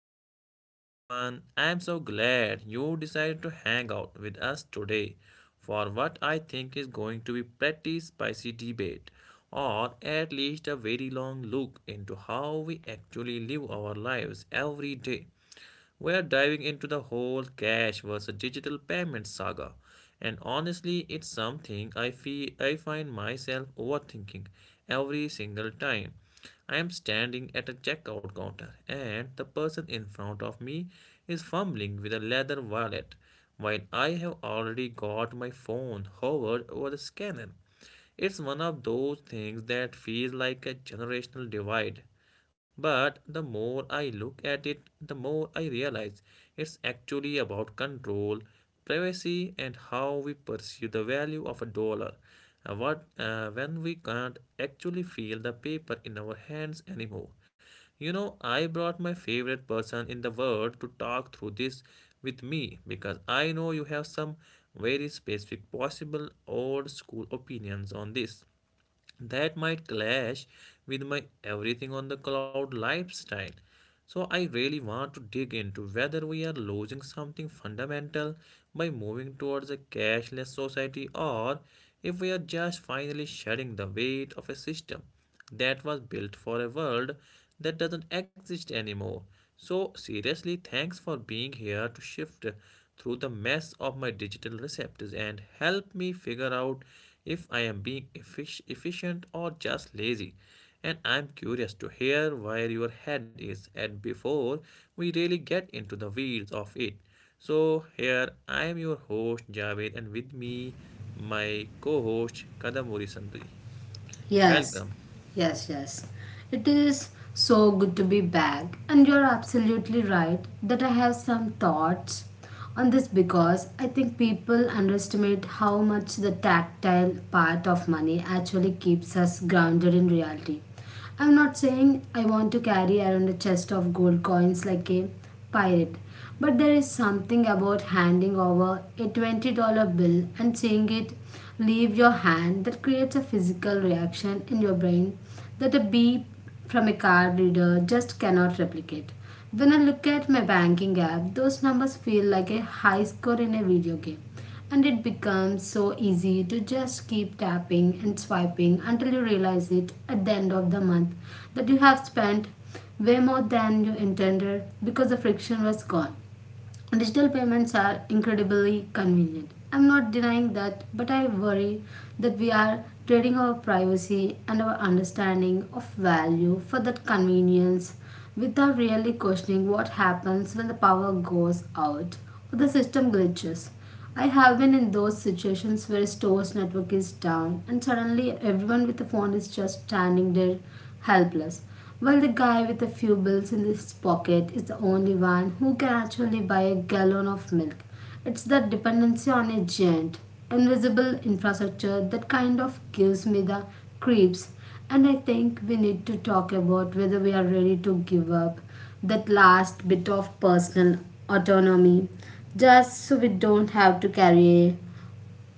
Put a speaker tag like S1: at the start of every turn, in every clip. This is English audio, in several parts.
S1: back to the show, everyone. I'm so glad you decided to hang out with us today for what I think is going to be pretty spicy debate, or at least a very long look into how we actually live our lives every day. We're diving into the whole cash versus digital payment saga. And honestly, it's something I feel I find myself overthinking every single time. I am standing at a checkout counter and the person in front of me is fumbling with a leather wallet while I have already got my phone hovered over the scanner. It's one of those things that feels like a generational divide. But the more I look at it, the more I realize it's actually about control, privacy, and how we perceive the value of a dollar. What When we can't actually feel the paper in our hands anymore, you know, I brought my favorite person in the world to talk through this with me because I know you have some very specific, possible old school opinions on this that might clash with my everything on the cloud lifestyle. So, I really want to dig into whether we are losing something fundamental by moving towards a cashless society, or if we are just finally shedding the weight of a system that was built for a world that doesn't exist anymore. So, seriously, thanks for being here to shift through the mess of my digital receptors and help me figure out if I am being efficient or just lazy. And I'm curious to hear where your head is at before we really get into the weeds of it. So, here I am, your host Javed, and with me, my co host Kadamuri Sandhi.
S2: Yes,
S1: Welcome.
S2: yes, yes. It is so good to be back, and you're absolutely right that I have some thoughts on this, because I think people underestimate how much the tactile part of money actually keeps us grounded in reality. I'm not saying I want to carry around a chest of gold coins like a pirate, but there is something about handing over a $20 bill and seeing it leave your hand that creates a physical reaction in your brain that a beep from a card reader just cannot replicate. When I look at my banking app, those numbers feel like a high score in a video game. And it becomes so easy to just keep tapping and swiping, until you realize it at the end of the month that you have spent way more than you intended, because the friction was gone. Digital payments are incredibly convenient. I'm not denying that, but I worry that we are trading our privacy and our understanding of value for that convenience without really questioning what happens when the power goes out or the system glitches. I have been in those situations where a store's network is down and suddenly everyone with a phone is just standing there, helpless. Well, the guy with a few bills in his pocket is the only one who can actually buy a gallon of milk. It's that dependency on a giant, invisible infrastructure that kind of gives me the creeps. And I think we need to talk about whether we are ready to give up that last bit of personal autonomy just so we don't have to carry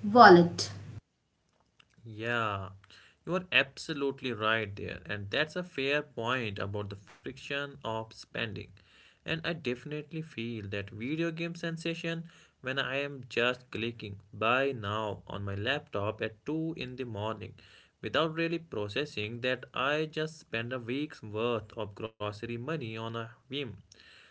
S2: a wallet.
S1: Yeah, you are absolutely right there, and that's a fair point about the friction of spending. And I definitely feel that video game sensation when I am just clicking buy now on my laptop at 2 in the morning without really processing that I just spent a week's worth of grocery money on a whim.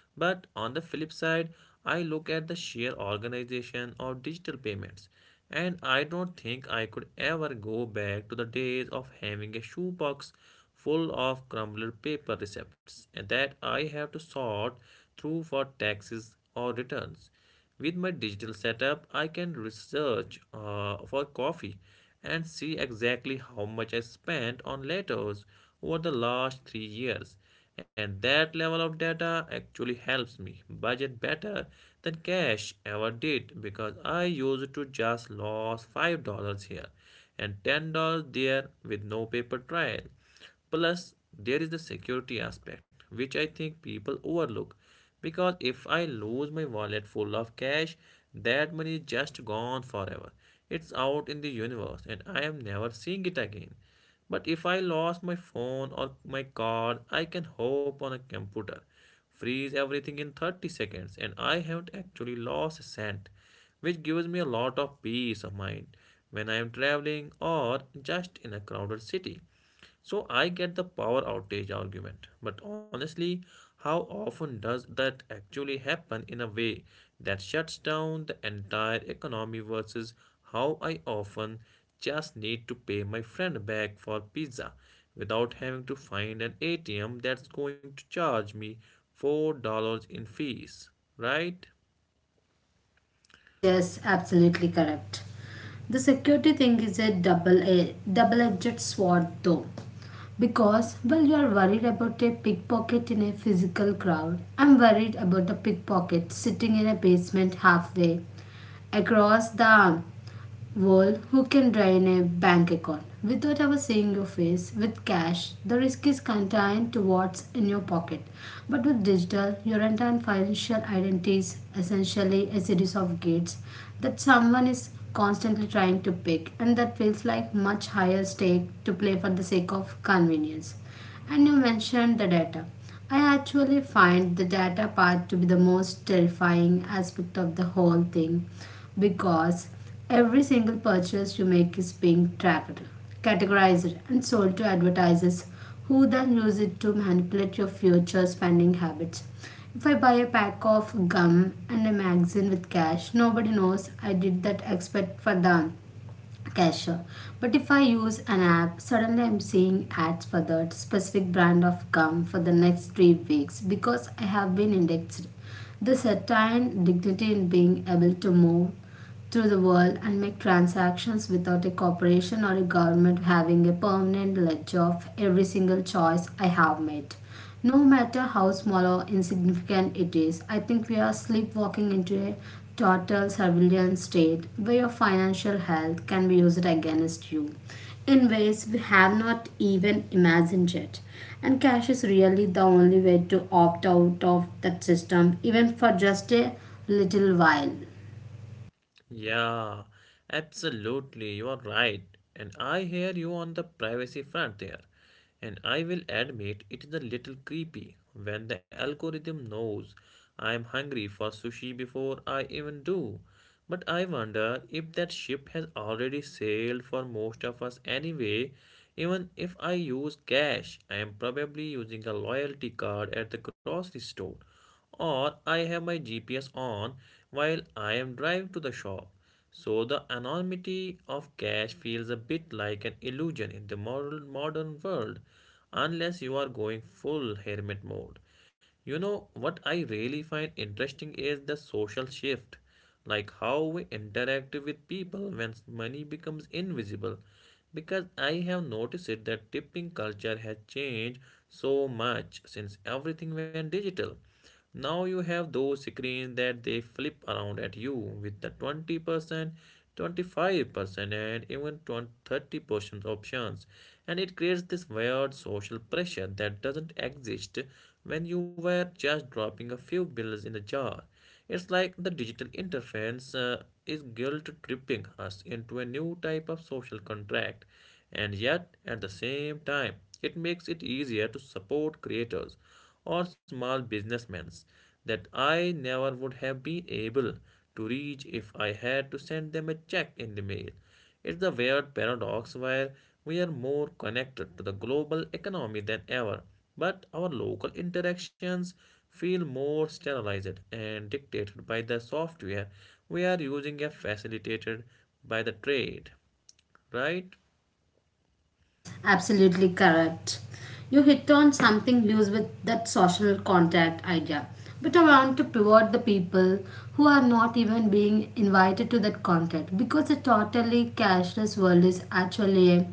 S1: But on the flip side, I look at the sheer organization of digital payments, and I don't think I could ever go back to the days of having a shoebox full of crumbled paper receipts and that I have to sort through for taxes or returns. With my digital setup, I can research for coffee and see exactly how much I spent on letters over the last 3 years. And that level of data actually helps me budget better than cash ever did because I used to just lose $5 here and $10 there with no paper trail. Plus, there is the security aspect, which I think people overlook. Because if I lose my wallet full of cash, that money is just gone forever. It's out in the universe and I am never seeing it again. But if I lost my phone or my card, I can hop on a computer, freeze everything in 30 seconds, and I haven't actually lost a cent, which gives me a lot of peace of mind when I am traveling or just in a crowded city. So I get the power outage argument, but honestly, how often does that actually happen in a way that shuts down the entire economy versus how I often just need to pay my friend back for pizza without having to find an ATM that's going to charge me $4 in fees, right?
S2: Yes, yes, absolutely correct. The security thing is a double edged sword, though. Because, well, you are worried about a pickpocket in a physical crowd. I'm worried about the pickpocket sitting in a basement halfway across the, well, who can drain a bank account without ever seeing your face? With cash, the risk is contained to what's in your pocket. But with digital, your entire financial identity is essentially a series of gates that someone is constantly trying to pick, and that feels like much higher stake to play for the sake of convenience. And you mentioned the data. I actually find the data part to be the most terrifying aspect of the whole thing, because every single purchase you make is being tracked, categorized, and sold to advertisers who then use it to manipulate your future spending habits. If I buy a pack of gum and a magazine with cash, nobody knows I did that except for them. Cashier. But if I use an app, suddenly I'm seeing ads for that specific brand of gum for the next 3 weeks because I have been indexed. There's a certain dignity in being able to move through the world and make transactions without a corporation or a government having a permanent ledger of every single choice I have made, no matter how small or insignificant it is. I think we are sleepwalking into a total surveillance state where your financial health can be used against you in ways we have not even imagined yet. And cash is really the only way to opt out of that system, even for just a little while.
S1: Yeah, absolutely. You are right. And I hear you on the privacy front there. And I will admit it is a little creepy when the algorithm knows I am hungry for sushi before I even do. But I wonder if that ship has already sailed for most of us anyway. Even if I use cash, I am probably using a loyalty card at the grocery store, or I have my GPS on while I am driving to the shop. So the anonymity of cash feels a bit like an illusion in the modern world unless you are going full hermit mode. You know what I really find interesting is the social shift, like how we interact with people when money becomes invisible. Because I have noticed it that tipping culture has changed so much since everything went digital. Now you have those screens that they flip around at you with the 20%, 25%, and even 20, 30% options. And it creates this weird social pressure that doesn't exist when you were just dropping a few bills in a jar. It's like the digital interference is guilt tripping us into a new type of social contract, and yet at the same time, it makes it easier to support creators or small businessmen that I never would have been able to reach if I had to send them a check in the mail. It's the weird paradox where we are more connected to the global economy than ever, but our local interactions feel more sterilized and dictated by the software we are using and facilitated by the trade, right?
S2: Yes, absolutely correct. You hit on something loose with that social contact idea. But I want to pivot the people who are not even being invited to that contact, because the totally cashless world is actually a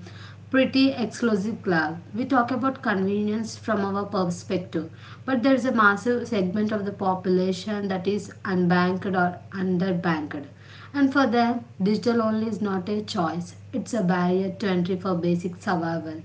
S2: pretty exclusive club. We talk about convenience from our perspective, but there is a massive segment of the population that is unbanked or underbanked, and for them, digital only is not a choice, it's a barrier to entry for basic survival.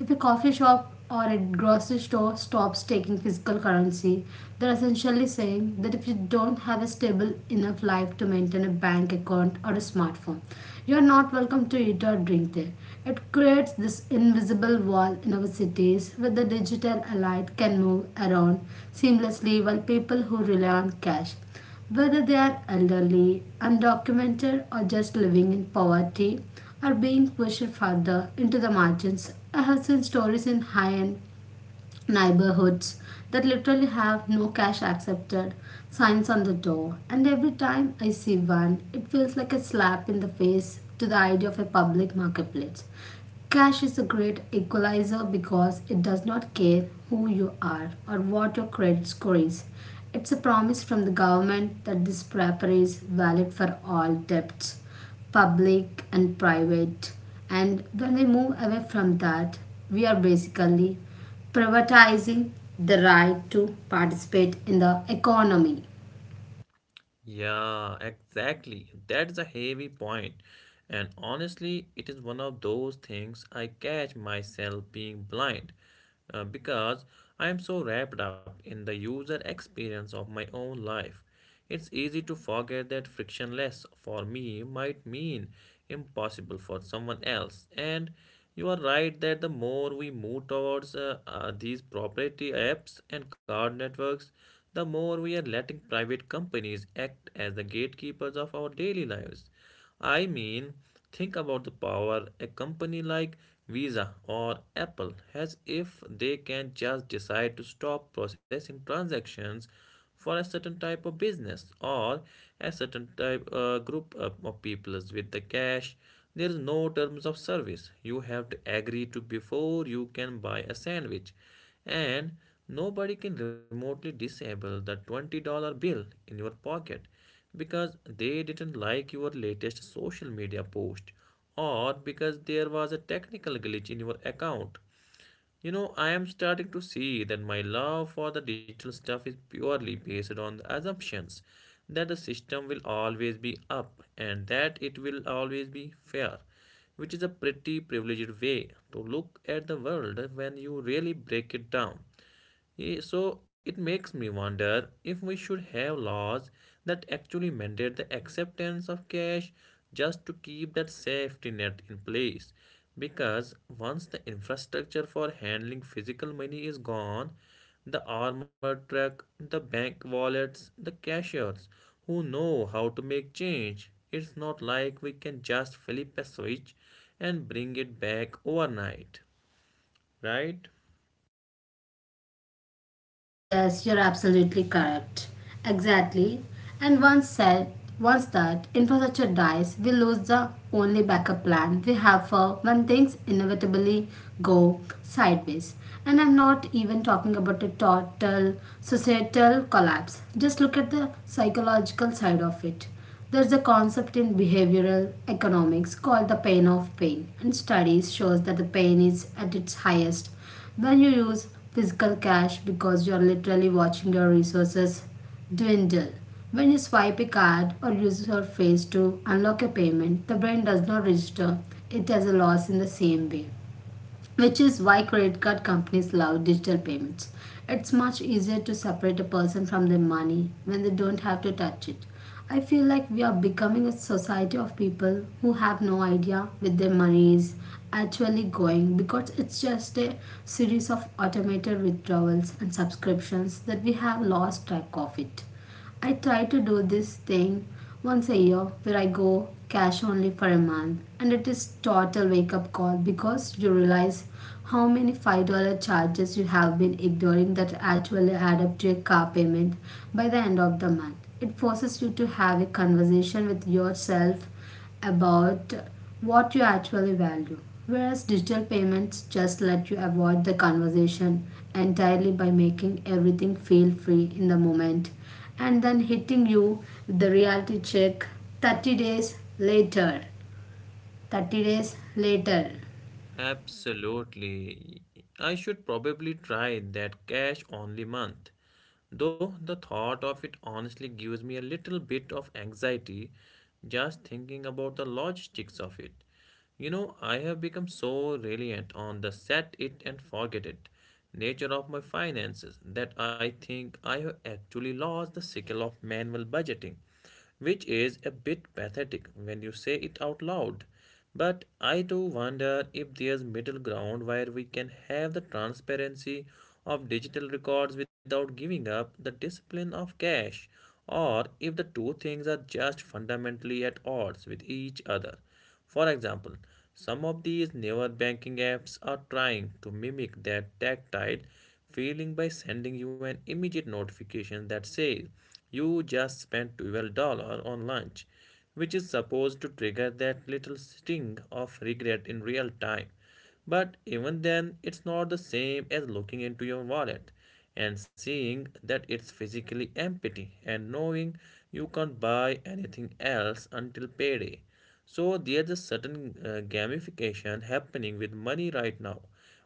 S2: If a coffee shop or a grocery store stops taking physical currency, they're essentially saying that if you don't have a stable enough life to maintain a bank account or a smartphone, you're not welcome to eat or drink there. It creates this invisible wall in our cities where the digital elite can move around seamlessly, while people who rely on cash, whether they are elderly, undocumented, or just living in poverty, are being pushed further into the margins. I have seen stories in high end neighborhoods that literally have no cash accepted signs on the door. And every time I see one, it feels like a slap in the face to the idea of a public marketplace. Cash is a great equalizer, because it does not care who you are or what your credit score is. It's a promise from the government that this paper is valid for all debts, public and private. And when we move away from that, we are basically privatizing the right to participate in the economy.
S1: Yeah, exactly. That's a heavy point. And honestly, it is one of those things I catch myself being blind because I am so wrapped up in the user experience of my own life. It's easy to forget that frictionless for me might mean impossible for someone else. And you are right that the more we move towards these proprietary apps and card networks, the more we are letting private companies act as the gatekeepers of our daily lives. I mean, think about the power a company like Visa or Apple has if they can just decide to stop processing transactions for a certain type of business, or a certain type group of peoples. With the cash, there is no terms of service you have to agree to before you can buy a sandwich, and nobody can remotely disable the $20 bill in your pocket because they didn't like your latest social media post, or because there was a technical glitch in your account. You know, I am starting to see that my love for the digital stuff is purely based on the assumptions that the system will always be up and that it will always be fair, which is a pretty privileged way to look at the world when you really break it down. So it makes me wonder if we should have laws that actually mandate the acceptance of cash just to keep that safety net in place. Because once the infrastructure for handling physical money is gone, the armored truck, the bank wallets, the cashiers who know how to make change, it's not like we can just flip a switch and bring it back overnight, right?
S2: Yes, yes, you're absolutely correct. Exactly. And once said, once that infrastructure dies, we lose the only backup plan we have for when things inevitably go sideways. And I'm not even talking about a total societal collapse. Just look at the psychological side of it. There's a concept in behavioral economics called the pain of pain, and studies shows that the pain is at its highest when you use physical cash, because you are literally watching your resources dwindle. When you swipe a card or use your face to unlock a payment, the brain does not register it as a loss in the same way, which is why credit card companies love digital payments. It's much easier to separate a person from their money when they don't have to touch it. I feel like we are becoming a society of people who have no idea where their money is actually going, because it's just a series of automated withdrawals and subscriptions that we have lost track of it. I try to do this thing once a year where I go cash only for a month, and it is total wake up call, because you realize how many $5 charges you have been ignoring that actually add up to your car payment by the end of the month. It forces you to have a conversation with yourself about what you actually value. Whereas digital payments just let you avoid the conversation entirely by making everything feel free in the moment and then hitting you with the reality check 30 days later. 30 days later.
S1: Absolutely. I should probably try that cash only month. Though the thought of it honestly gives me a little bit of anxiety just thinking about the logistics of it. You know, I have become so reliant on the set it and forget it nature of my finances that I think I have actually lost the skill of manual budgeting, which is a bit pathetic when you say it out loud. But I do wonder if there's middle ground where we can have the transparency of digital records without giving up the discipline of cash, or if the two things are just fundamentally at odds with each other. For example, some of these newer banking apps are trying to mimic that tactile feeling by sending you an immediate notification that says you just spent $12 on lunch, which is supposed to trigger that little sting of regret in real time. But even then, it's not the same as looking into your wallet and seeing that it's physically empty and knowing you can't buy anything else until payday. So there's a certain gamification happening with money right now,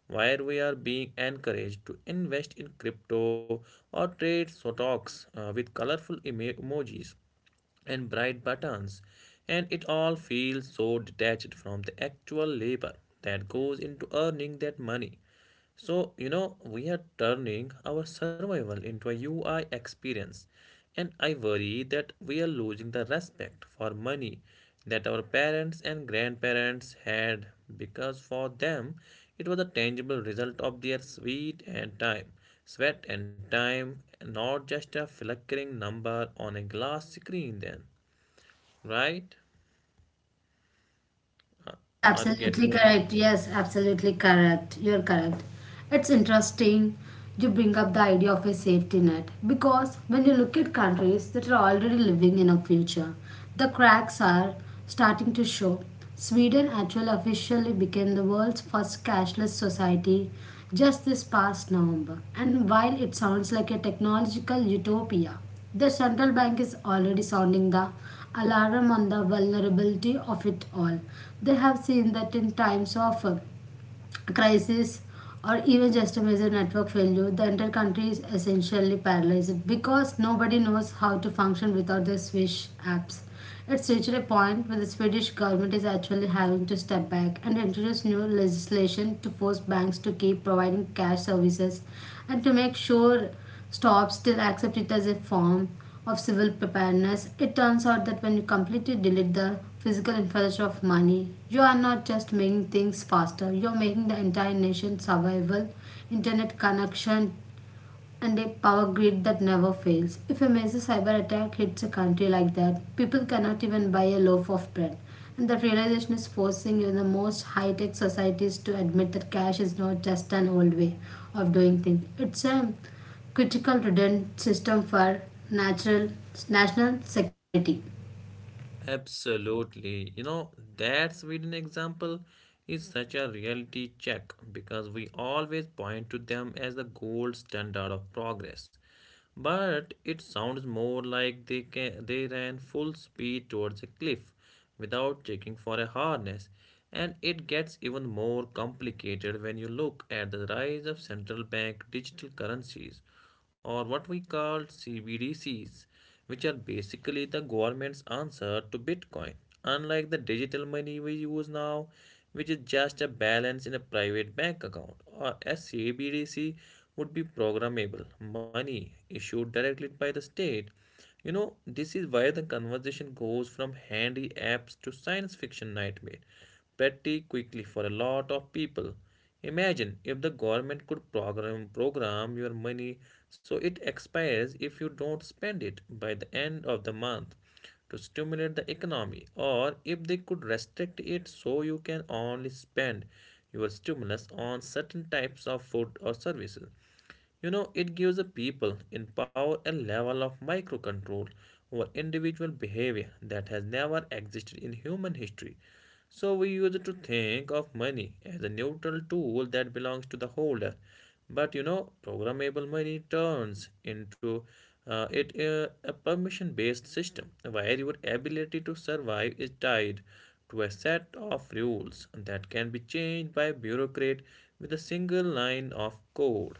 S1: where we are being encouraged to invest in crypto or trade stocks with colorful emojis and bright buttons, and it all feels so detached from the actual labor that goes into earning that money. So, you know, we are turning our survival into a UI experience, and I worry that we are losing the respect for money that our parents and grandparents had, because for them it was a tangible result of their sweat and time. Sweat and time, not just a flickering number on a glass screen, then, right?
S2: Yes,
S1: Are you
S2: absolutely
S1: getting my point?
S2: correct. Yes, absolutely correct. You're correct. It's interesting you bring up the idea of a safety net, because when you look at countries that are already living in a future, the cracks are starting to show. Sweden actually officially became the world's first cashless society just this past November. And while it sounds like a technological utopia, the central bank is already sounding the alarm on the vulnerability of it all. They have seen that in times of crisis, or even just a major network failure, the entire country is essentially paralyzed because nobody knows how to function without the Swish apps. It's reached a point where the Swedish government is actually having to step back and introduce new legislation to force banks to keep providing cash services, and to make sure still accept it as a form of civil preparedness. It turns out that when you completely delete the physical infrastructure of money, you are not just making things faster, you are making the entire nation's survival, internet connection, and a power grid that never fails. If a major cyber attack hits a country like that, people cannot even buy a loaf of bread. And that realization is forcing even the most high tech societies to admit that cash is not just an old way of doing things, it's a critical redundant system for natural, national security.
S1: Absolutely. You know, that Sweden example is such a reality check because we always point to them as the gold standard of progress. But it sounds more like they ran full speed towards a cliff without checking for a harness. And it gets even more complicated when you look at the rise of central bank digital currencies, or what we call CBDCs, which are basically the government's answer to Bitcoin. Unlike the digital money we use now, which is just a balance in a private bank account, or SCBDC would be programmable money issued directly by the state. This is why the conversation goes from handy apps to science fiction nightmare pretty quickly for a lot of people. Imagine if the government could program your money so it expires if you don't spend it by the end of the month to stimulate the economy, or if they could restrict it so you can only spend your stimulus on certain types of food or services. It gives the people in power a level of micro control over individual behavior that has never existed in human history. So we used to think of money as a neutral tool that belongs to the holder. But programmable money turns into it a permission based system where your ability to survive is tied to a set of rules that can be changed by a bureaucrat with a single line of code,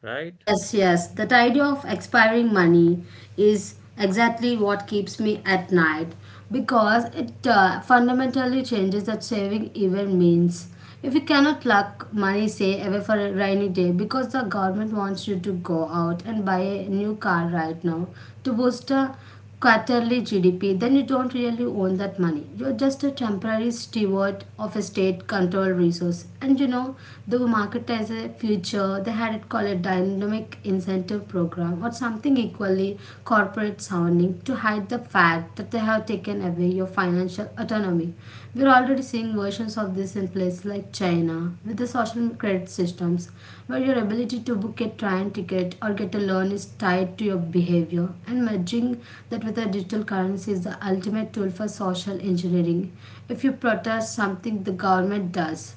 S1: right?
S2: Yes, yes. That idea of expiring money is exactly what keeps me at night, because it fundamentally changes that saving even means. If you cannot lock money, say, away for a rainy day because the government wants you to go out and buy a new car right now to boost the quarterly GDP, then you don't really own that money. You're just a temporary steward of a state controlled resource. And you know, the market has a future, they had it called a dynamic incentive program or something equally corporate sounding to hide the fact that they have taken away your financial autonomy. We're already seeing versions of this in places like China with the social credit systems, where your ability to book a train ticket or get a loan is tied to your behavior. And merging that with a digital currency is the ultimate tool for social engineering. If you protest something the government does,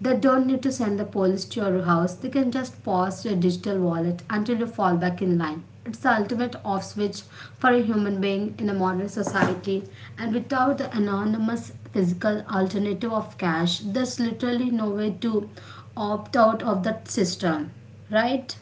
S2: they don't need to send the police to your house. They can just pause your digital wallet until you fall back in line. It's the ultimate off switch for a human being in a modern society. And without the anonymous physical alternative of cash, there's literally no way to opt out of that system, right?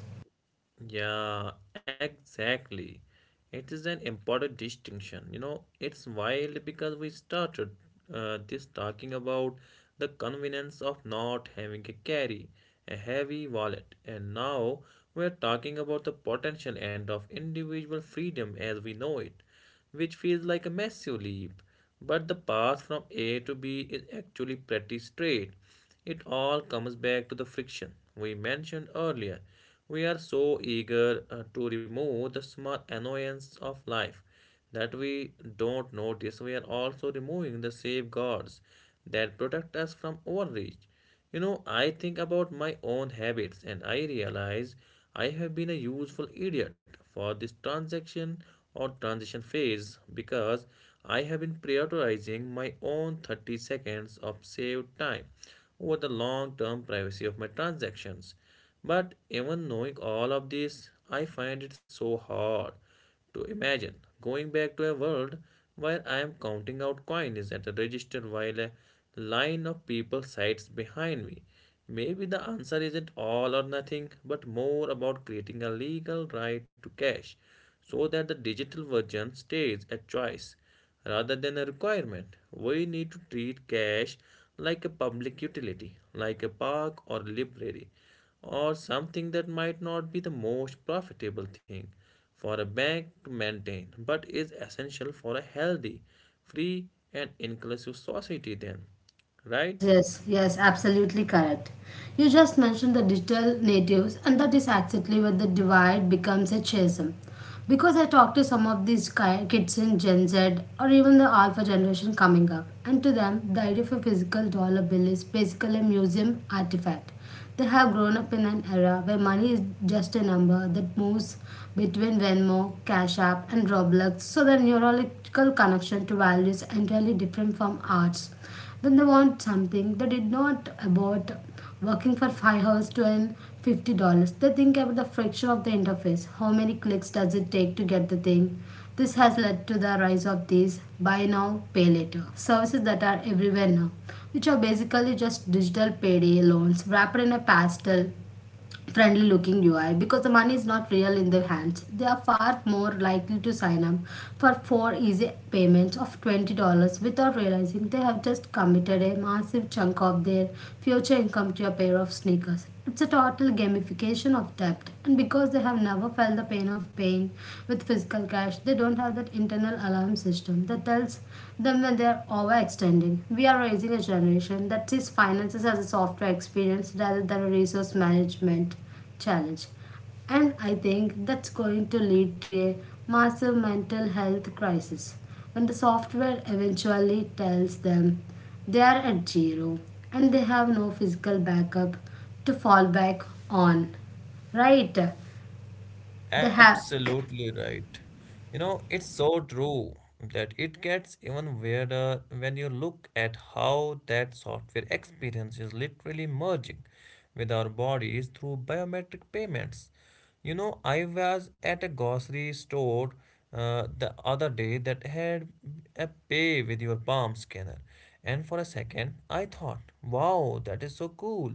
S1: Yeah, exactly. It is an important distinction. It's wild because we started this talking about the convenience of not having a carry, a heavy wallet, and now we're talking about the potential end of individual freedom as we know it, which feels like a massive leap. But the path from A to B is actually pretty straight. It all comes back to the friction we mentioned earlier. We are so eager to remove the small annoyance of life that we don't notice we are also removing the safeguards that protect us from overreach. I think about my own habits and I realize I have been a useful idiot for this transaction or transition phase because I have been prioritizing my own 30 seconds of saved time over the long term privacy of my transactions. But even knowing all of this, I find it so hard to imagine going back to a world where I am counting out coins at a register while a line of people sides behind me. Maybe the answer isn't all or nothing, but more about creating a legal right to cash so that the digital version stays a choice rather than a requirement. We need to treat cash like a public utility, like a park or library, or something that might not be the most profitable thing for a bank to maintain but is essential for a healthy, free, and inclusive society, then, right?
S2: Yes, yes, yes, absolutely correct. You just mentioned the digital natives, and that is exactly where the divide becomes a chasm. Because I talk to some of these kids in Gen Z or even the Alpha generation coming up, and to them, the idea of a physical dollar bill is basically a museum artifact. They have grown up in an era where money is just a number that moves between Venmo, Cash App, and Roblox, so their neurological connection to value is entirely different from arts, then they want something they did not about working for 5 hours to earn $50. They think about the friction of the interface. How many clicks does it take to get the thing? This has led to the rise of these buy now pay later services that are everywhere now, which are basically just digital payday loans wrapped in a pastel, friendly looking UI because the money is not real in their hands. They are far more likely to sign up for four easy payments of $20 without realizing they have just committed a massive chunk of their future income to a pair of sneakers. It's a total gamification of debt, and because they have never felt the pain of paying with physical cash, they don't have that internal alarm system that tells them when they are overextending. We are raising a generation that sees finances as a software experience rather than a resource management challenge. And I think that's going to lead to a massive mental health crisis when the software eventually tells them they are at zero and they have no physical backup to fall back on. Right? They have.
S1: Absolutely right. It's so true that it gets even weirder when you look at how that software experience is literally merging with our bodies through biometric payments. I was at a grocery store the other day that had a pay with your palm scanner, and for a second, I thought, wow, that is so cool.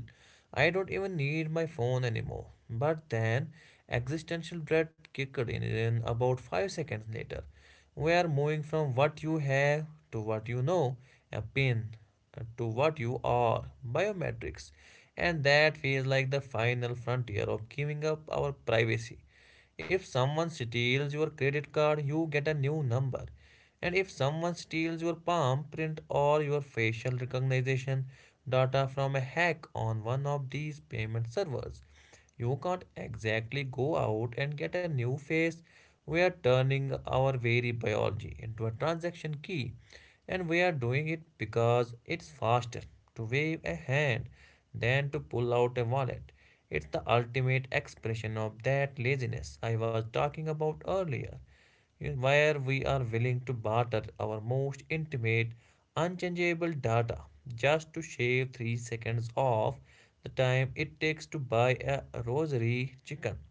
S1: I don't even need my phone anymore. But then, existential dread kicked in about 5 seconds later. We are moving from what you have to what you know, a pin, to what you are, biometrics. And that feels like the final frontier of giving up our privacy. If someone steals your credit card, you get a new number. And if someone steals your palm print or your facial recognition data from a hack on one of these payment servers, you can't exactly go out and get a new face. We are turning our very biology into a transaction key, and we are doing it because it's faster to wave a hand than to pull out a wallet. It's the ultimate expression of that laziness I was talking about earlier, where we are willing to barter our most intimate, unchangeable data just to shave 3 seconds off the time it takes to buy a rosemary chicken.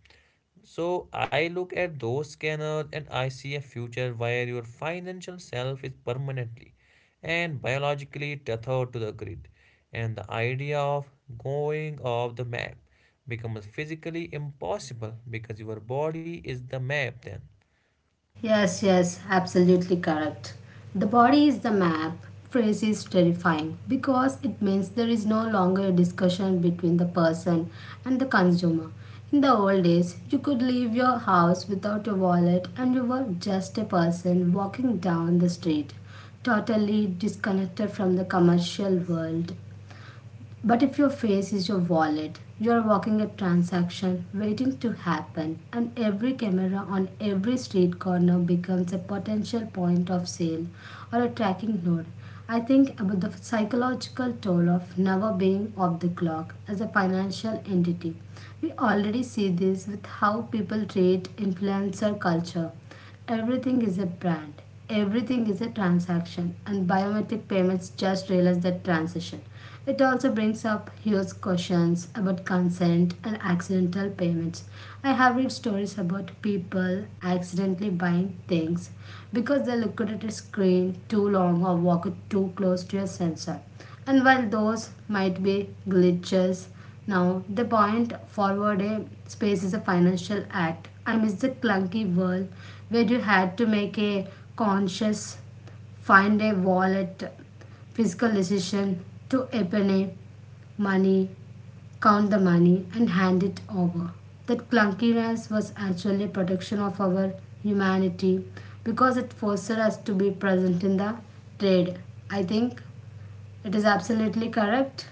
S1: So I look at those scanners and I see a future where your financial self is permanently and biologically tethered to the grid, and the idea of going off the map becomes physically impossible because your body is the map then.
S2: Yes, yes, absolutely correct. The body is the map. Phrase is terrifying because it means there is no longer a discussion between the person and the consumer. In the old days, you could leave your house without your wallet and you were just a person walking down the street, totally disconnected from the commercial world. But if your face is your wallet, you are walking a transaction waiting to happen, and every camera on every street corner becomes a potential point of sale or a tracking node. I think about the psychological toll of never being off the clock as a financial entity. We already see this with how people treat influencer culture. Everything is a brand, everything is a transaction, and biometric payments just realize that transition. It also brings up huge questions about consent and accidental payments. I have read stories about people accidentally buying things because they looked at a screen too long or walked too close to a sensor. And while those might be glitches, now, the point forward a space is a financial act. I miss the clunky world where you had to make a conscious, find a wallet, physical decision to open a money, count the money, and hand it over. That clunkiness was actually a protection of our humanity because it fostered us to be present in the trade. I think it is absolutely correct.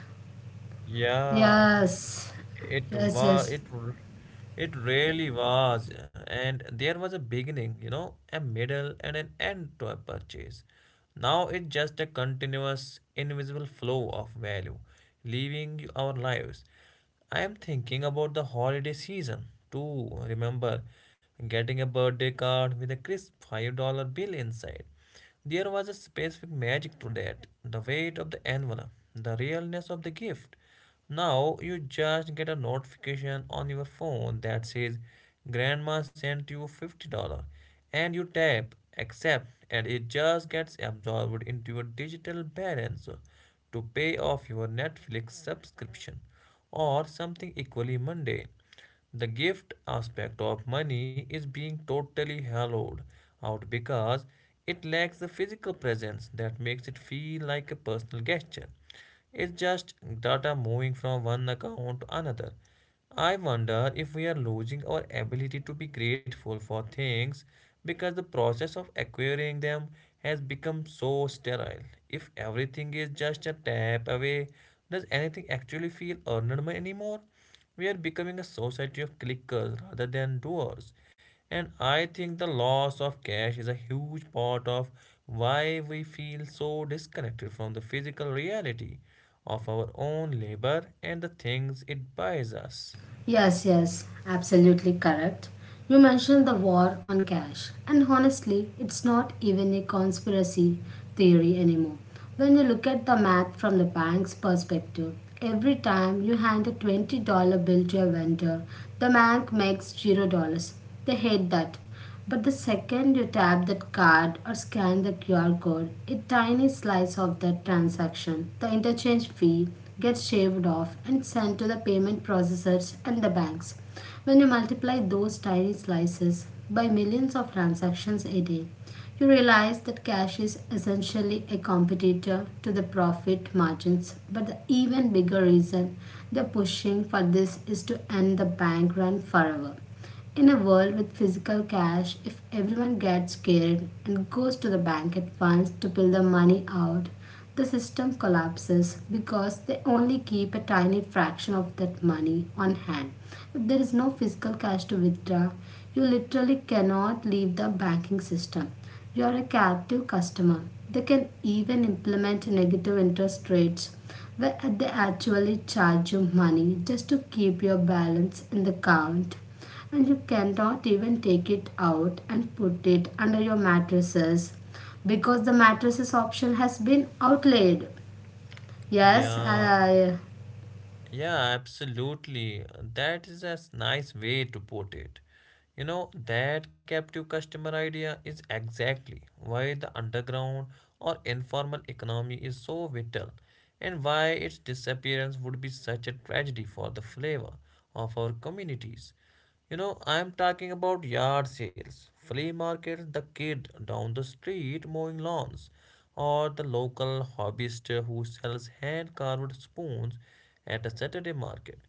S1: Yeah,
S2: Yes,
S1: it
S2: yes,
S1: was
S2: yes.
S1: it it really was, and there was a beginning, you know, a middle, and an end to a purchase. Now it's just a continuous, invisible flow of value, leaving our lives. I am thinking about the holiday season too. Remember getting a birthday card with a crisp $5 bill inside. There was a specific magic to that: the weight of the envelope, the realness of the gift. Now you just get a notification on your phone that says grandma sent you $50, and you tap accept and it just gets absorbed into your digital balance to pay off your Netflix subscription or something equally mundane. The gift aspect of money is being totally hollowed out because it lacks the physical presence that makes it feel like a personal gesture. It's just data moving from one account to another. I wonder if we are losing our ability to be grateful for things because the process of acquiring them has become so sterile. If everything is just a tap away, does anything actually feel earned anymore? We are becoming a society of clickers rather than doers. And I think the loss of cash is a huge part of why we feel so disconnected from the physical reality of our own labor and the things it buys us.
S2: Yes, yes, absolutely correct. You mentioned the war on cash, and honestly, it's not even a conspiracy theory anymore. When you look at the math from the bank's perspective, every time you hand a $20 bill to a vendor, the bank makes $0. They hate that. But the second you tap that card or scan the QR code, a tiny slice of that transaction, the interchange fee, gets shaved off and sent to the payment processors and the banks. When you multiply those tiny slices by millions of transactions a day, you realize that cash is essentially a competitor to the profit margins. But the even bigger reason they're pushing for this is to end the bank run forever. In a world with physical cash, if everyone gets scared and goes to the bank at once to pull the money out, the system collapses because they only keep a tiny fraction of that money on hand. If there is no physical cash to withdraw, you literally cannot leave the banking system. You are a captive customer. They can even implement negative interest rates where they actually charge you money just to keep your balance in the account, and you cannot even take it out and put it under your mattresses because the mattresses option has been outlaid. Yes,
S1: Yeah.
S2: I.
S1: Yeah, absolutely. That is a nice way to put it. That captive customer idea is exactly why the underground or informal economy is so vital, and why its disappearance would be such a tragedy for the flavor of our communities. I'm talking about yard sales, flea markets, the kid down the street mowing lawns, or the local hobbyist who sells hand carved spoons at a Saturday market.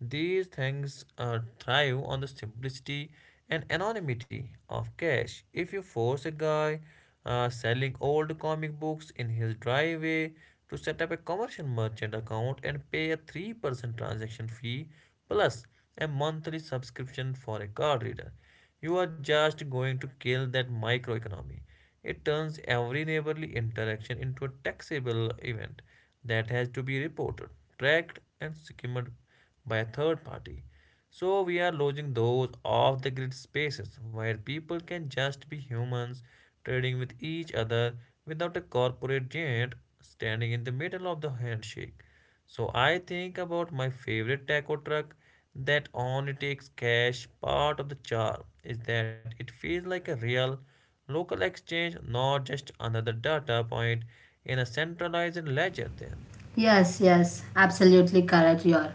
S1: These things thrive on the simplicity and anonymity of cash. If you force a guy selling old comic books in his driveway to set up a commercial merchant account and pay a 3% transaction fee plus a monthly subscription for a card reader, you are just going to kill that microeconomy. It turns every neighborly interaction into a taxable event that has to be reported, tracked, and skimmed by a third party. So we are losing those off the grid spaces where people can just be humans trading with each other without a corporate giant standing in the middle of the handshake. So I think about my favorite taco truck that only takes cash. Part of the charm is that it feels like a real local exchange, not just another data point in a centralized ledger then.
S2: Yes, yes, absolutely correct. You are.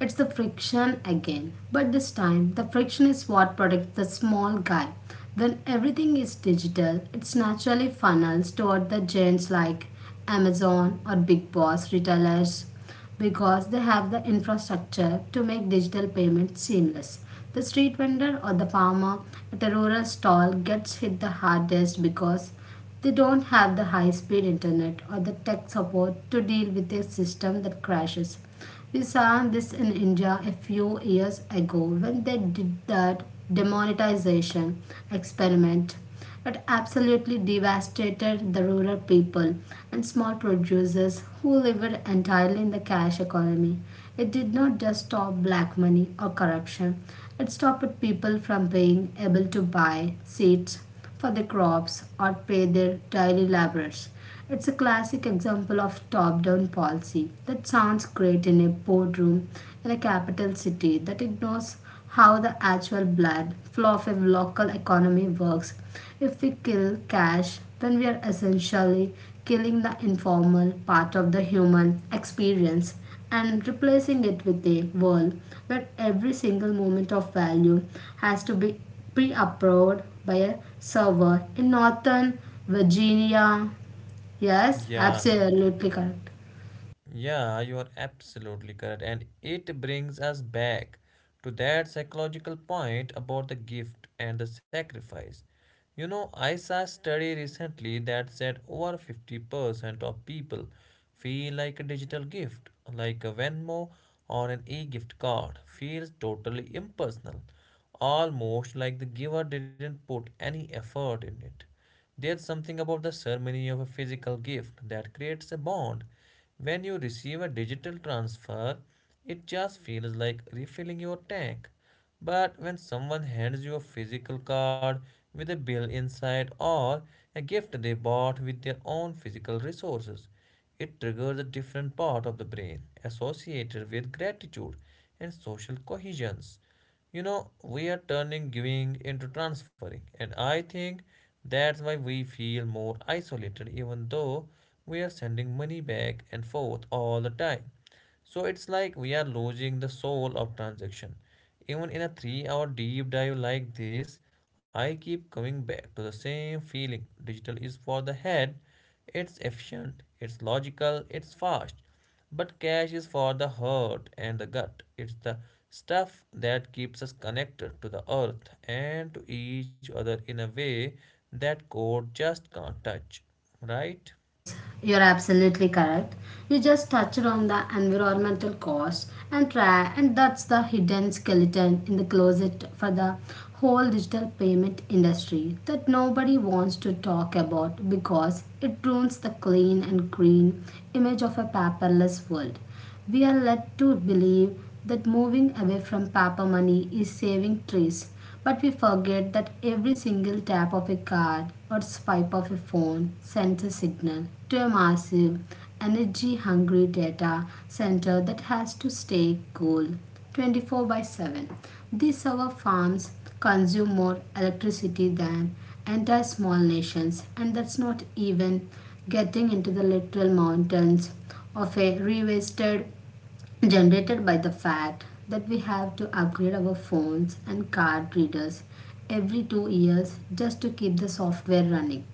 S2: It's the friction again, but this time the friction is what protects the small guy. When everything is digital, it's naturally funnels toward the giants like Amazon or Big Boss retailers because they have the infrastructure to make digital payments seamless. The street vendor or the farmer at a rural stall gets hit the hardest because they don't have the high speed internet or the tech support to deal with a system that crashes. We saw this in India a few years ago when they did that demonetization experiment. It absolutely devastated the rural people and small producers who lived entirely in the cash economy. It did not just stop black money or corruption, it stopped people from being able to buy seats for their crops or pay their daily laborers. It's a classic example of top down policy that sounds great in a boardroom in a capital city that ignores how the actual blood flow of a local economy works. If we kill cash, then we are essentially killing the informal part of the human experience and replacing it with a world where every single moment of value has to be pre approved by a server in Northern Virginia. Yes,
S1: Yeah.
S2: absolutely correct.
S1: Yeah, you are absolutely correct. And it brings us back to that psychological point about the gift and the sacrifice. I saw a study recently that said over 50% of people feel like a digital gift, like a Venmo or an e gift card, feels totally impersonal, almost like the giver didn't put any effort in it. There's something about the ceremony of a physical gift that creates a bond. When you receive a digital transfer, it just feels like refilling your tank. But when someone hands you a physical card with a bill inside, or a gift they bought with their own physical resources, it triggers a different part of the brain associated with gratitude and social cohesions. We are turning giving into transferring, and I think that's why we feel more isolated, even though we are sending money back and forth all the time. So it's like we are losing the soul of transaction. Even in a 3 hour deep dive like this, I keep coming back to the same feeling. Digital is for the head. It's efficient, it's logical, it's fast. But cash is for the heart and the gut. It's the stuff that keeps us connected to the earth and to each other in a way that gold just can't touch. Right?
S2: Yes, you're absolutely correct. You just touched on the environmental cost and try, and that's the hidden skeleton in the closet for the whole digital payment industry that nobody wants to talk about because it ruins the clean and green image of a paperless world. We are led to believe that moving away from paper money is saving trees, but we forget that every single tap of a card or swipe of a phone sends a signal to a massive, energy hungry data center that has to stay cool 24 by 7. These our farms consume more electricity than entire small nations, and that's not even getting into the literal mountains of a re-wasted generated by the fact that we have to upgrade our phones and card readers every 2 years just to keep the software running.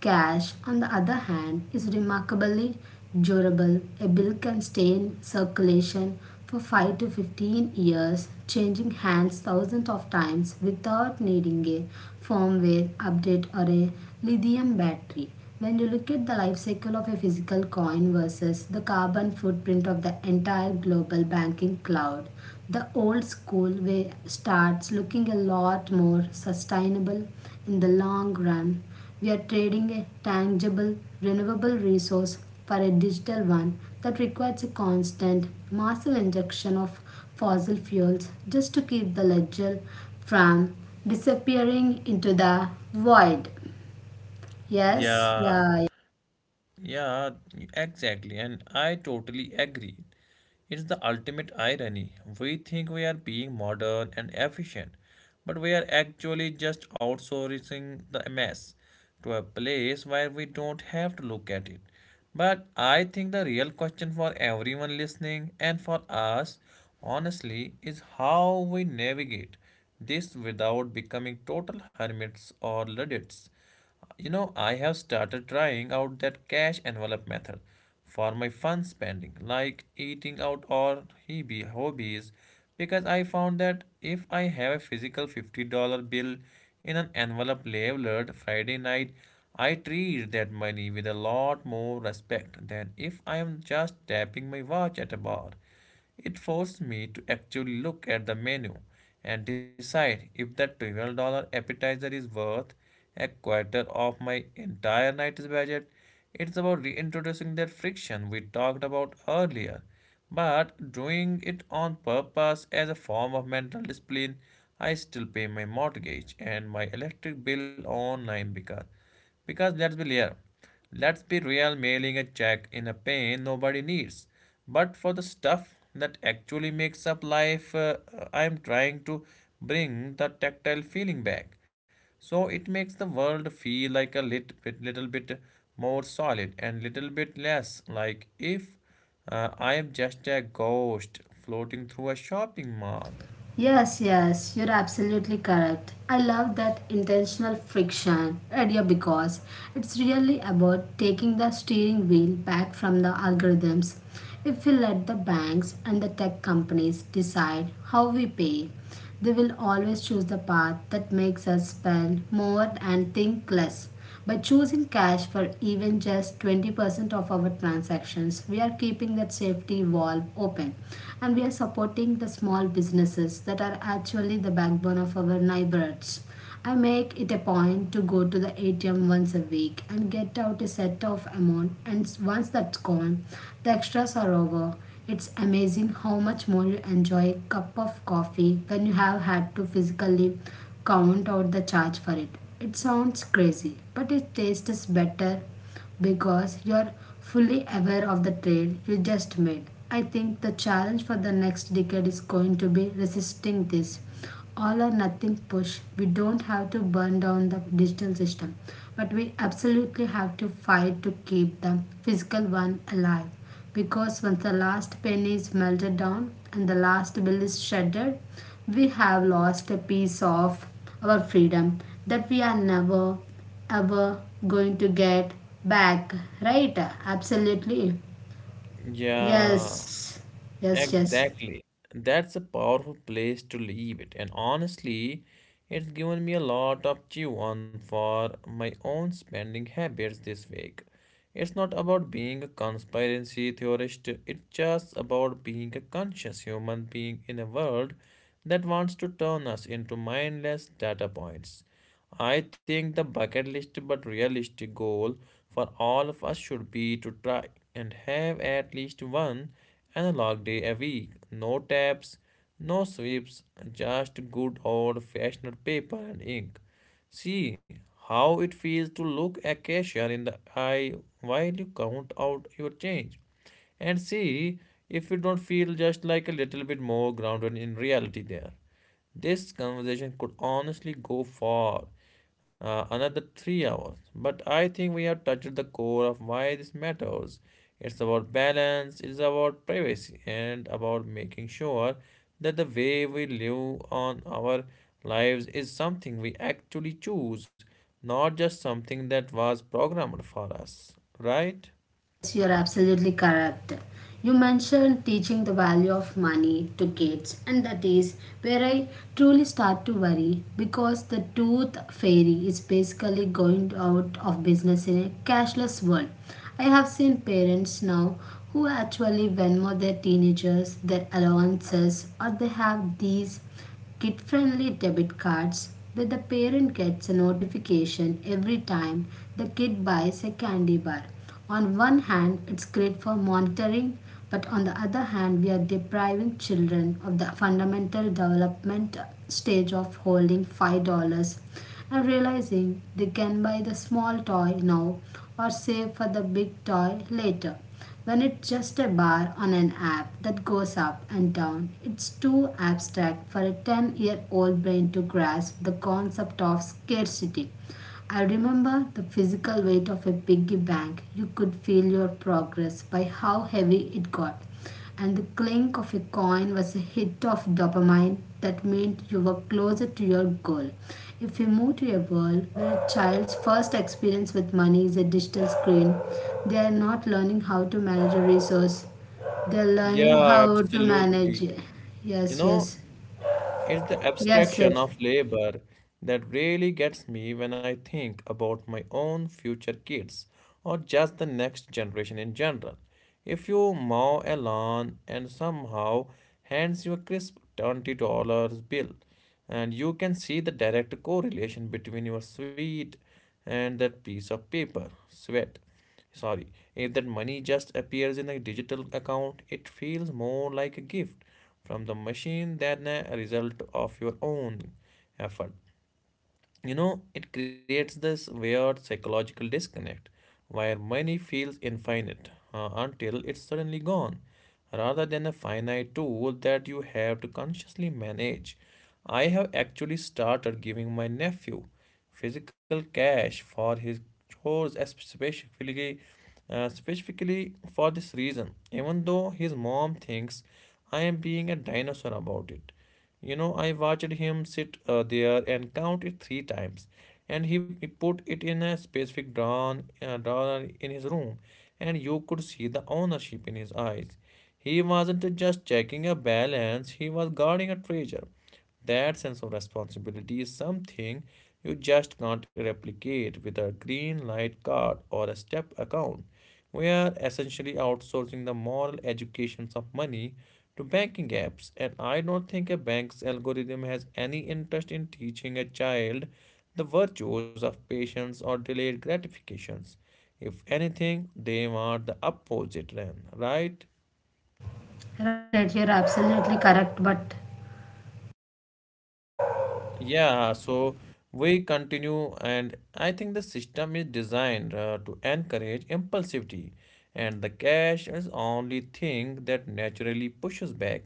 S2: Cash, on the other hand, is remarkably durable. A bill can stay in circulation for 5 to 15 years, changing hands thousands of times without needing a firmware update or a lithium battery. When you look at the life cycle of a physical coin versus the carbon footprint of the entire global banking cloud, the old school way starts looking a lot more sustainable in the long run. We are trading a tangible, renewable resource for a digital one that requires a constant, massive injection of fossil fuels just to keep the ledger from disappearing into the void. Yes,
S1: Yeah,
S2: yeah.
S1: yeah, exactly. And I totally agree. It's the ultimate irony. We think we are being modern and efficient, but we are actually just outsourcing the mess to a place where we don't have to look at it. But I think the real question for everyone listening, and for us, honestly, is how we navigate this without becoming total hermits or luddites. I have started trying out that cash envelope method for my fun spending, like eating out or hobby hobbies, because I found that if I have a physical $50 bill in an envelope labeled Friday night, I treat that money with a lot more respect than if I am just tapping my watch at a bar. It forced me to actually look at the menu and decide if that $12 appetizer is worth a quarter of my entire night's budget. It's about reintroducing that friction we talked about earlier, but doing it on purpose as a form of mental discipline. I still pay my mortgage and my electric bill online because let's be real. Let's be real, mailing a check in a pain nobody needs. But for the stuff that actually makes up life, I am trying to bring the tactile feeling back. So it makes the world feel like a little bit more solid and little bit less like if I am just a ghost floating through a shopping mall.
S2: Yes, yes, you're absolutely correct. I love that intentional friction idea because it's really about taking the steering wheel back from the algorithms. If we let the banks and the tech companies decide how we pay, they will always choose the path that makes us spend more and think less. By choosing cash for even just 20% of our transactions, we are keeping that safety valve open and we are supporting the small businesses that are actually the backbone of our neighborhoods. I make it a point to go to the ATM once a week and get out a set of amount, and once that's gone, the extras are over. It's amazing how much more you enjoy a cup of coffee when you have had to physically count out the charge for it. It sounds crazy, but it tastes better because you're fully aware of the trade you just made. I think the challenge for the next decade is going to be resisting this all or nothing push. We don't have to burn down the digital system, but we absolutely have to fight to keep the physical one alive. Because once the last penny is melted down and the last bill is shattered, we have lost a piece of our freedom that we are never, ever going to get back. Right? Absolutely.
S1: Yeah.
S2: Yes. Yes, yes.
S1: Exactly. That's a powerful place to leave it. And honestly, it's given me a lot of chew on for my own spending habits this week. It's not about being a conspiracy theorist, it's just about being a conscious human being in a world that wants to turn us into mindless data points. I think the bucket list but realistic goal for all of us should be to try and have at least one analog day a week. No tabs, no sweeps, just good old fashioned paper and ink. See how it feels to look a cashier in the eye while you count out your change, and see if you don't feel just like a little bit more grounded in reality there. This conversation could honestly go for another 3 hours, but I think we have touched the core of why this matters. It's about balance, it's about privacy, and about making sure that the way we live on our lives is something we actually choose, not just something that was programmed for us, right?
S2: Yes, you're absolutely correct. You mentioned teaching the value of money to kids, and that is where I truly start to worry because the tooth fairy is basically going out of business in a cashless world. I have seen parents now who actually Venmo their teenagers their allowances, or they have these kid friendly debit cards where the parent gets a notification every time the kid buys a candy bar. On one hand, it's great for monitoring, but on the other hand, we are depriving children of the fundamental development stage of holding $5 and realizing they can buy the small toy now or save for the big toy later. When it's just a bar on an app that goes up and down, it's too abstract for a 10-year-old brain to grasp the concept of scarcity. I remember the physical weight of a piggy bank. You could feel your progress by how heavy it got and the clink of a coin was a hit of dopamine that meant you were closer to your goal. If we move to a world where a child's first experience with money is a digital screen, they are not learning how to manage a resource. They're learning
S1: Yeah,
S2: how to manage.
S1: absolutely. You
S2: Yes,
S1: know,
S2: yes,
S1: it's the
S2: yes,
S1: abstraction
S2: yes.
S1: of labor that really gets me when I think about my own future kids or just the next generation in general. If you mow a lawn and somehow hands you a crisp $20 bill, and you can see the direct correlation between your sweat and that piece of paper, sweat sorry, if that money just appears in a digital account, it feels more like a gift from the machine than a result of your own effort. You know, it creates this weird psychological disconnect where money feels infinite until it's suddenly gone, rather than a finite tool that you have to consciously manage. I have actually started giving my nephew physical cash for his chores as specifically for this reason, even though his mom thinks I am being a dinosaur about it. You know, I watched him sit there and count it three times, and he put it in a specific drawer in his room, and you could see the ownership in his eyes. He wasn't just checking a balance, he was guarding a treasure. That sense of responsibility is something you just can't replicate with a green light card or a step account. We are essentially outsourcing the moral educations of money to banking apps. And I don't think a bank's algorithm has any interest in teaching a child the virtues of patience or delayed gratifications. If anything, they want the opposite, Ren, right?
S2: Right, right. You're absolutely correct. But
S1: Yeah, so we continue, and I think the system is designed to encourage impulsivity, and the cash is only thing that naturally pushes back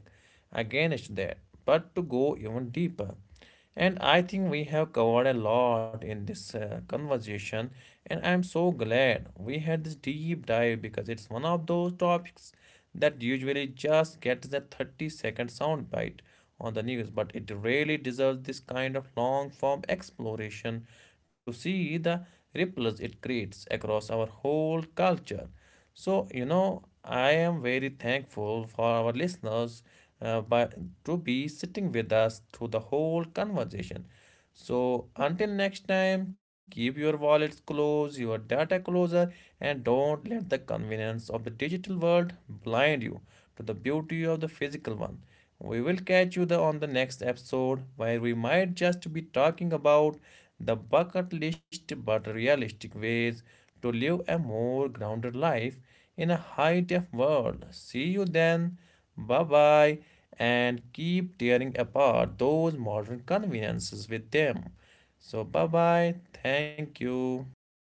S1: against that. But to go even deeper, and I think we have covered a lot in this conversation, and I'm so glad we had this deep dive because it's one of those topics that usually just gets a 30-second soundbite on the news, but it really deserves this kind of long form exploration to see the ripples it creates across our whole culture. So, you know, I am very thankful for our listeners uh, by, to be sitting with us through the whole conversation. So, until next time, keep your wallets close, your data closer, and don't let the convenience of the digital world blind you to the beauty of the physical one. We will catch you on the next episode where we might just be talking about the bucket list but realistic ways to live a more grounded life in a high tech world. See you then. Bye bye. And keep tearing apart those modern conveniences with them. So, bye bye. Thank you.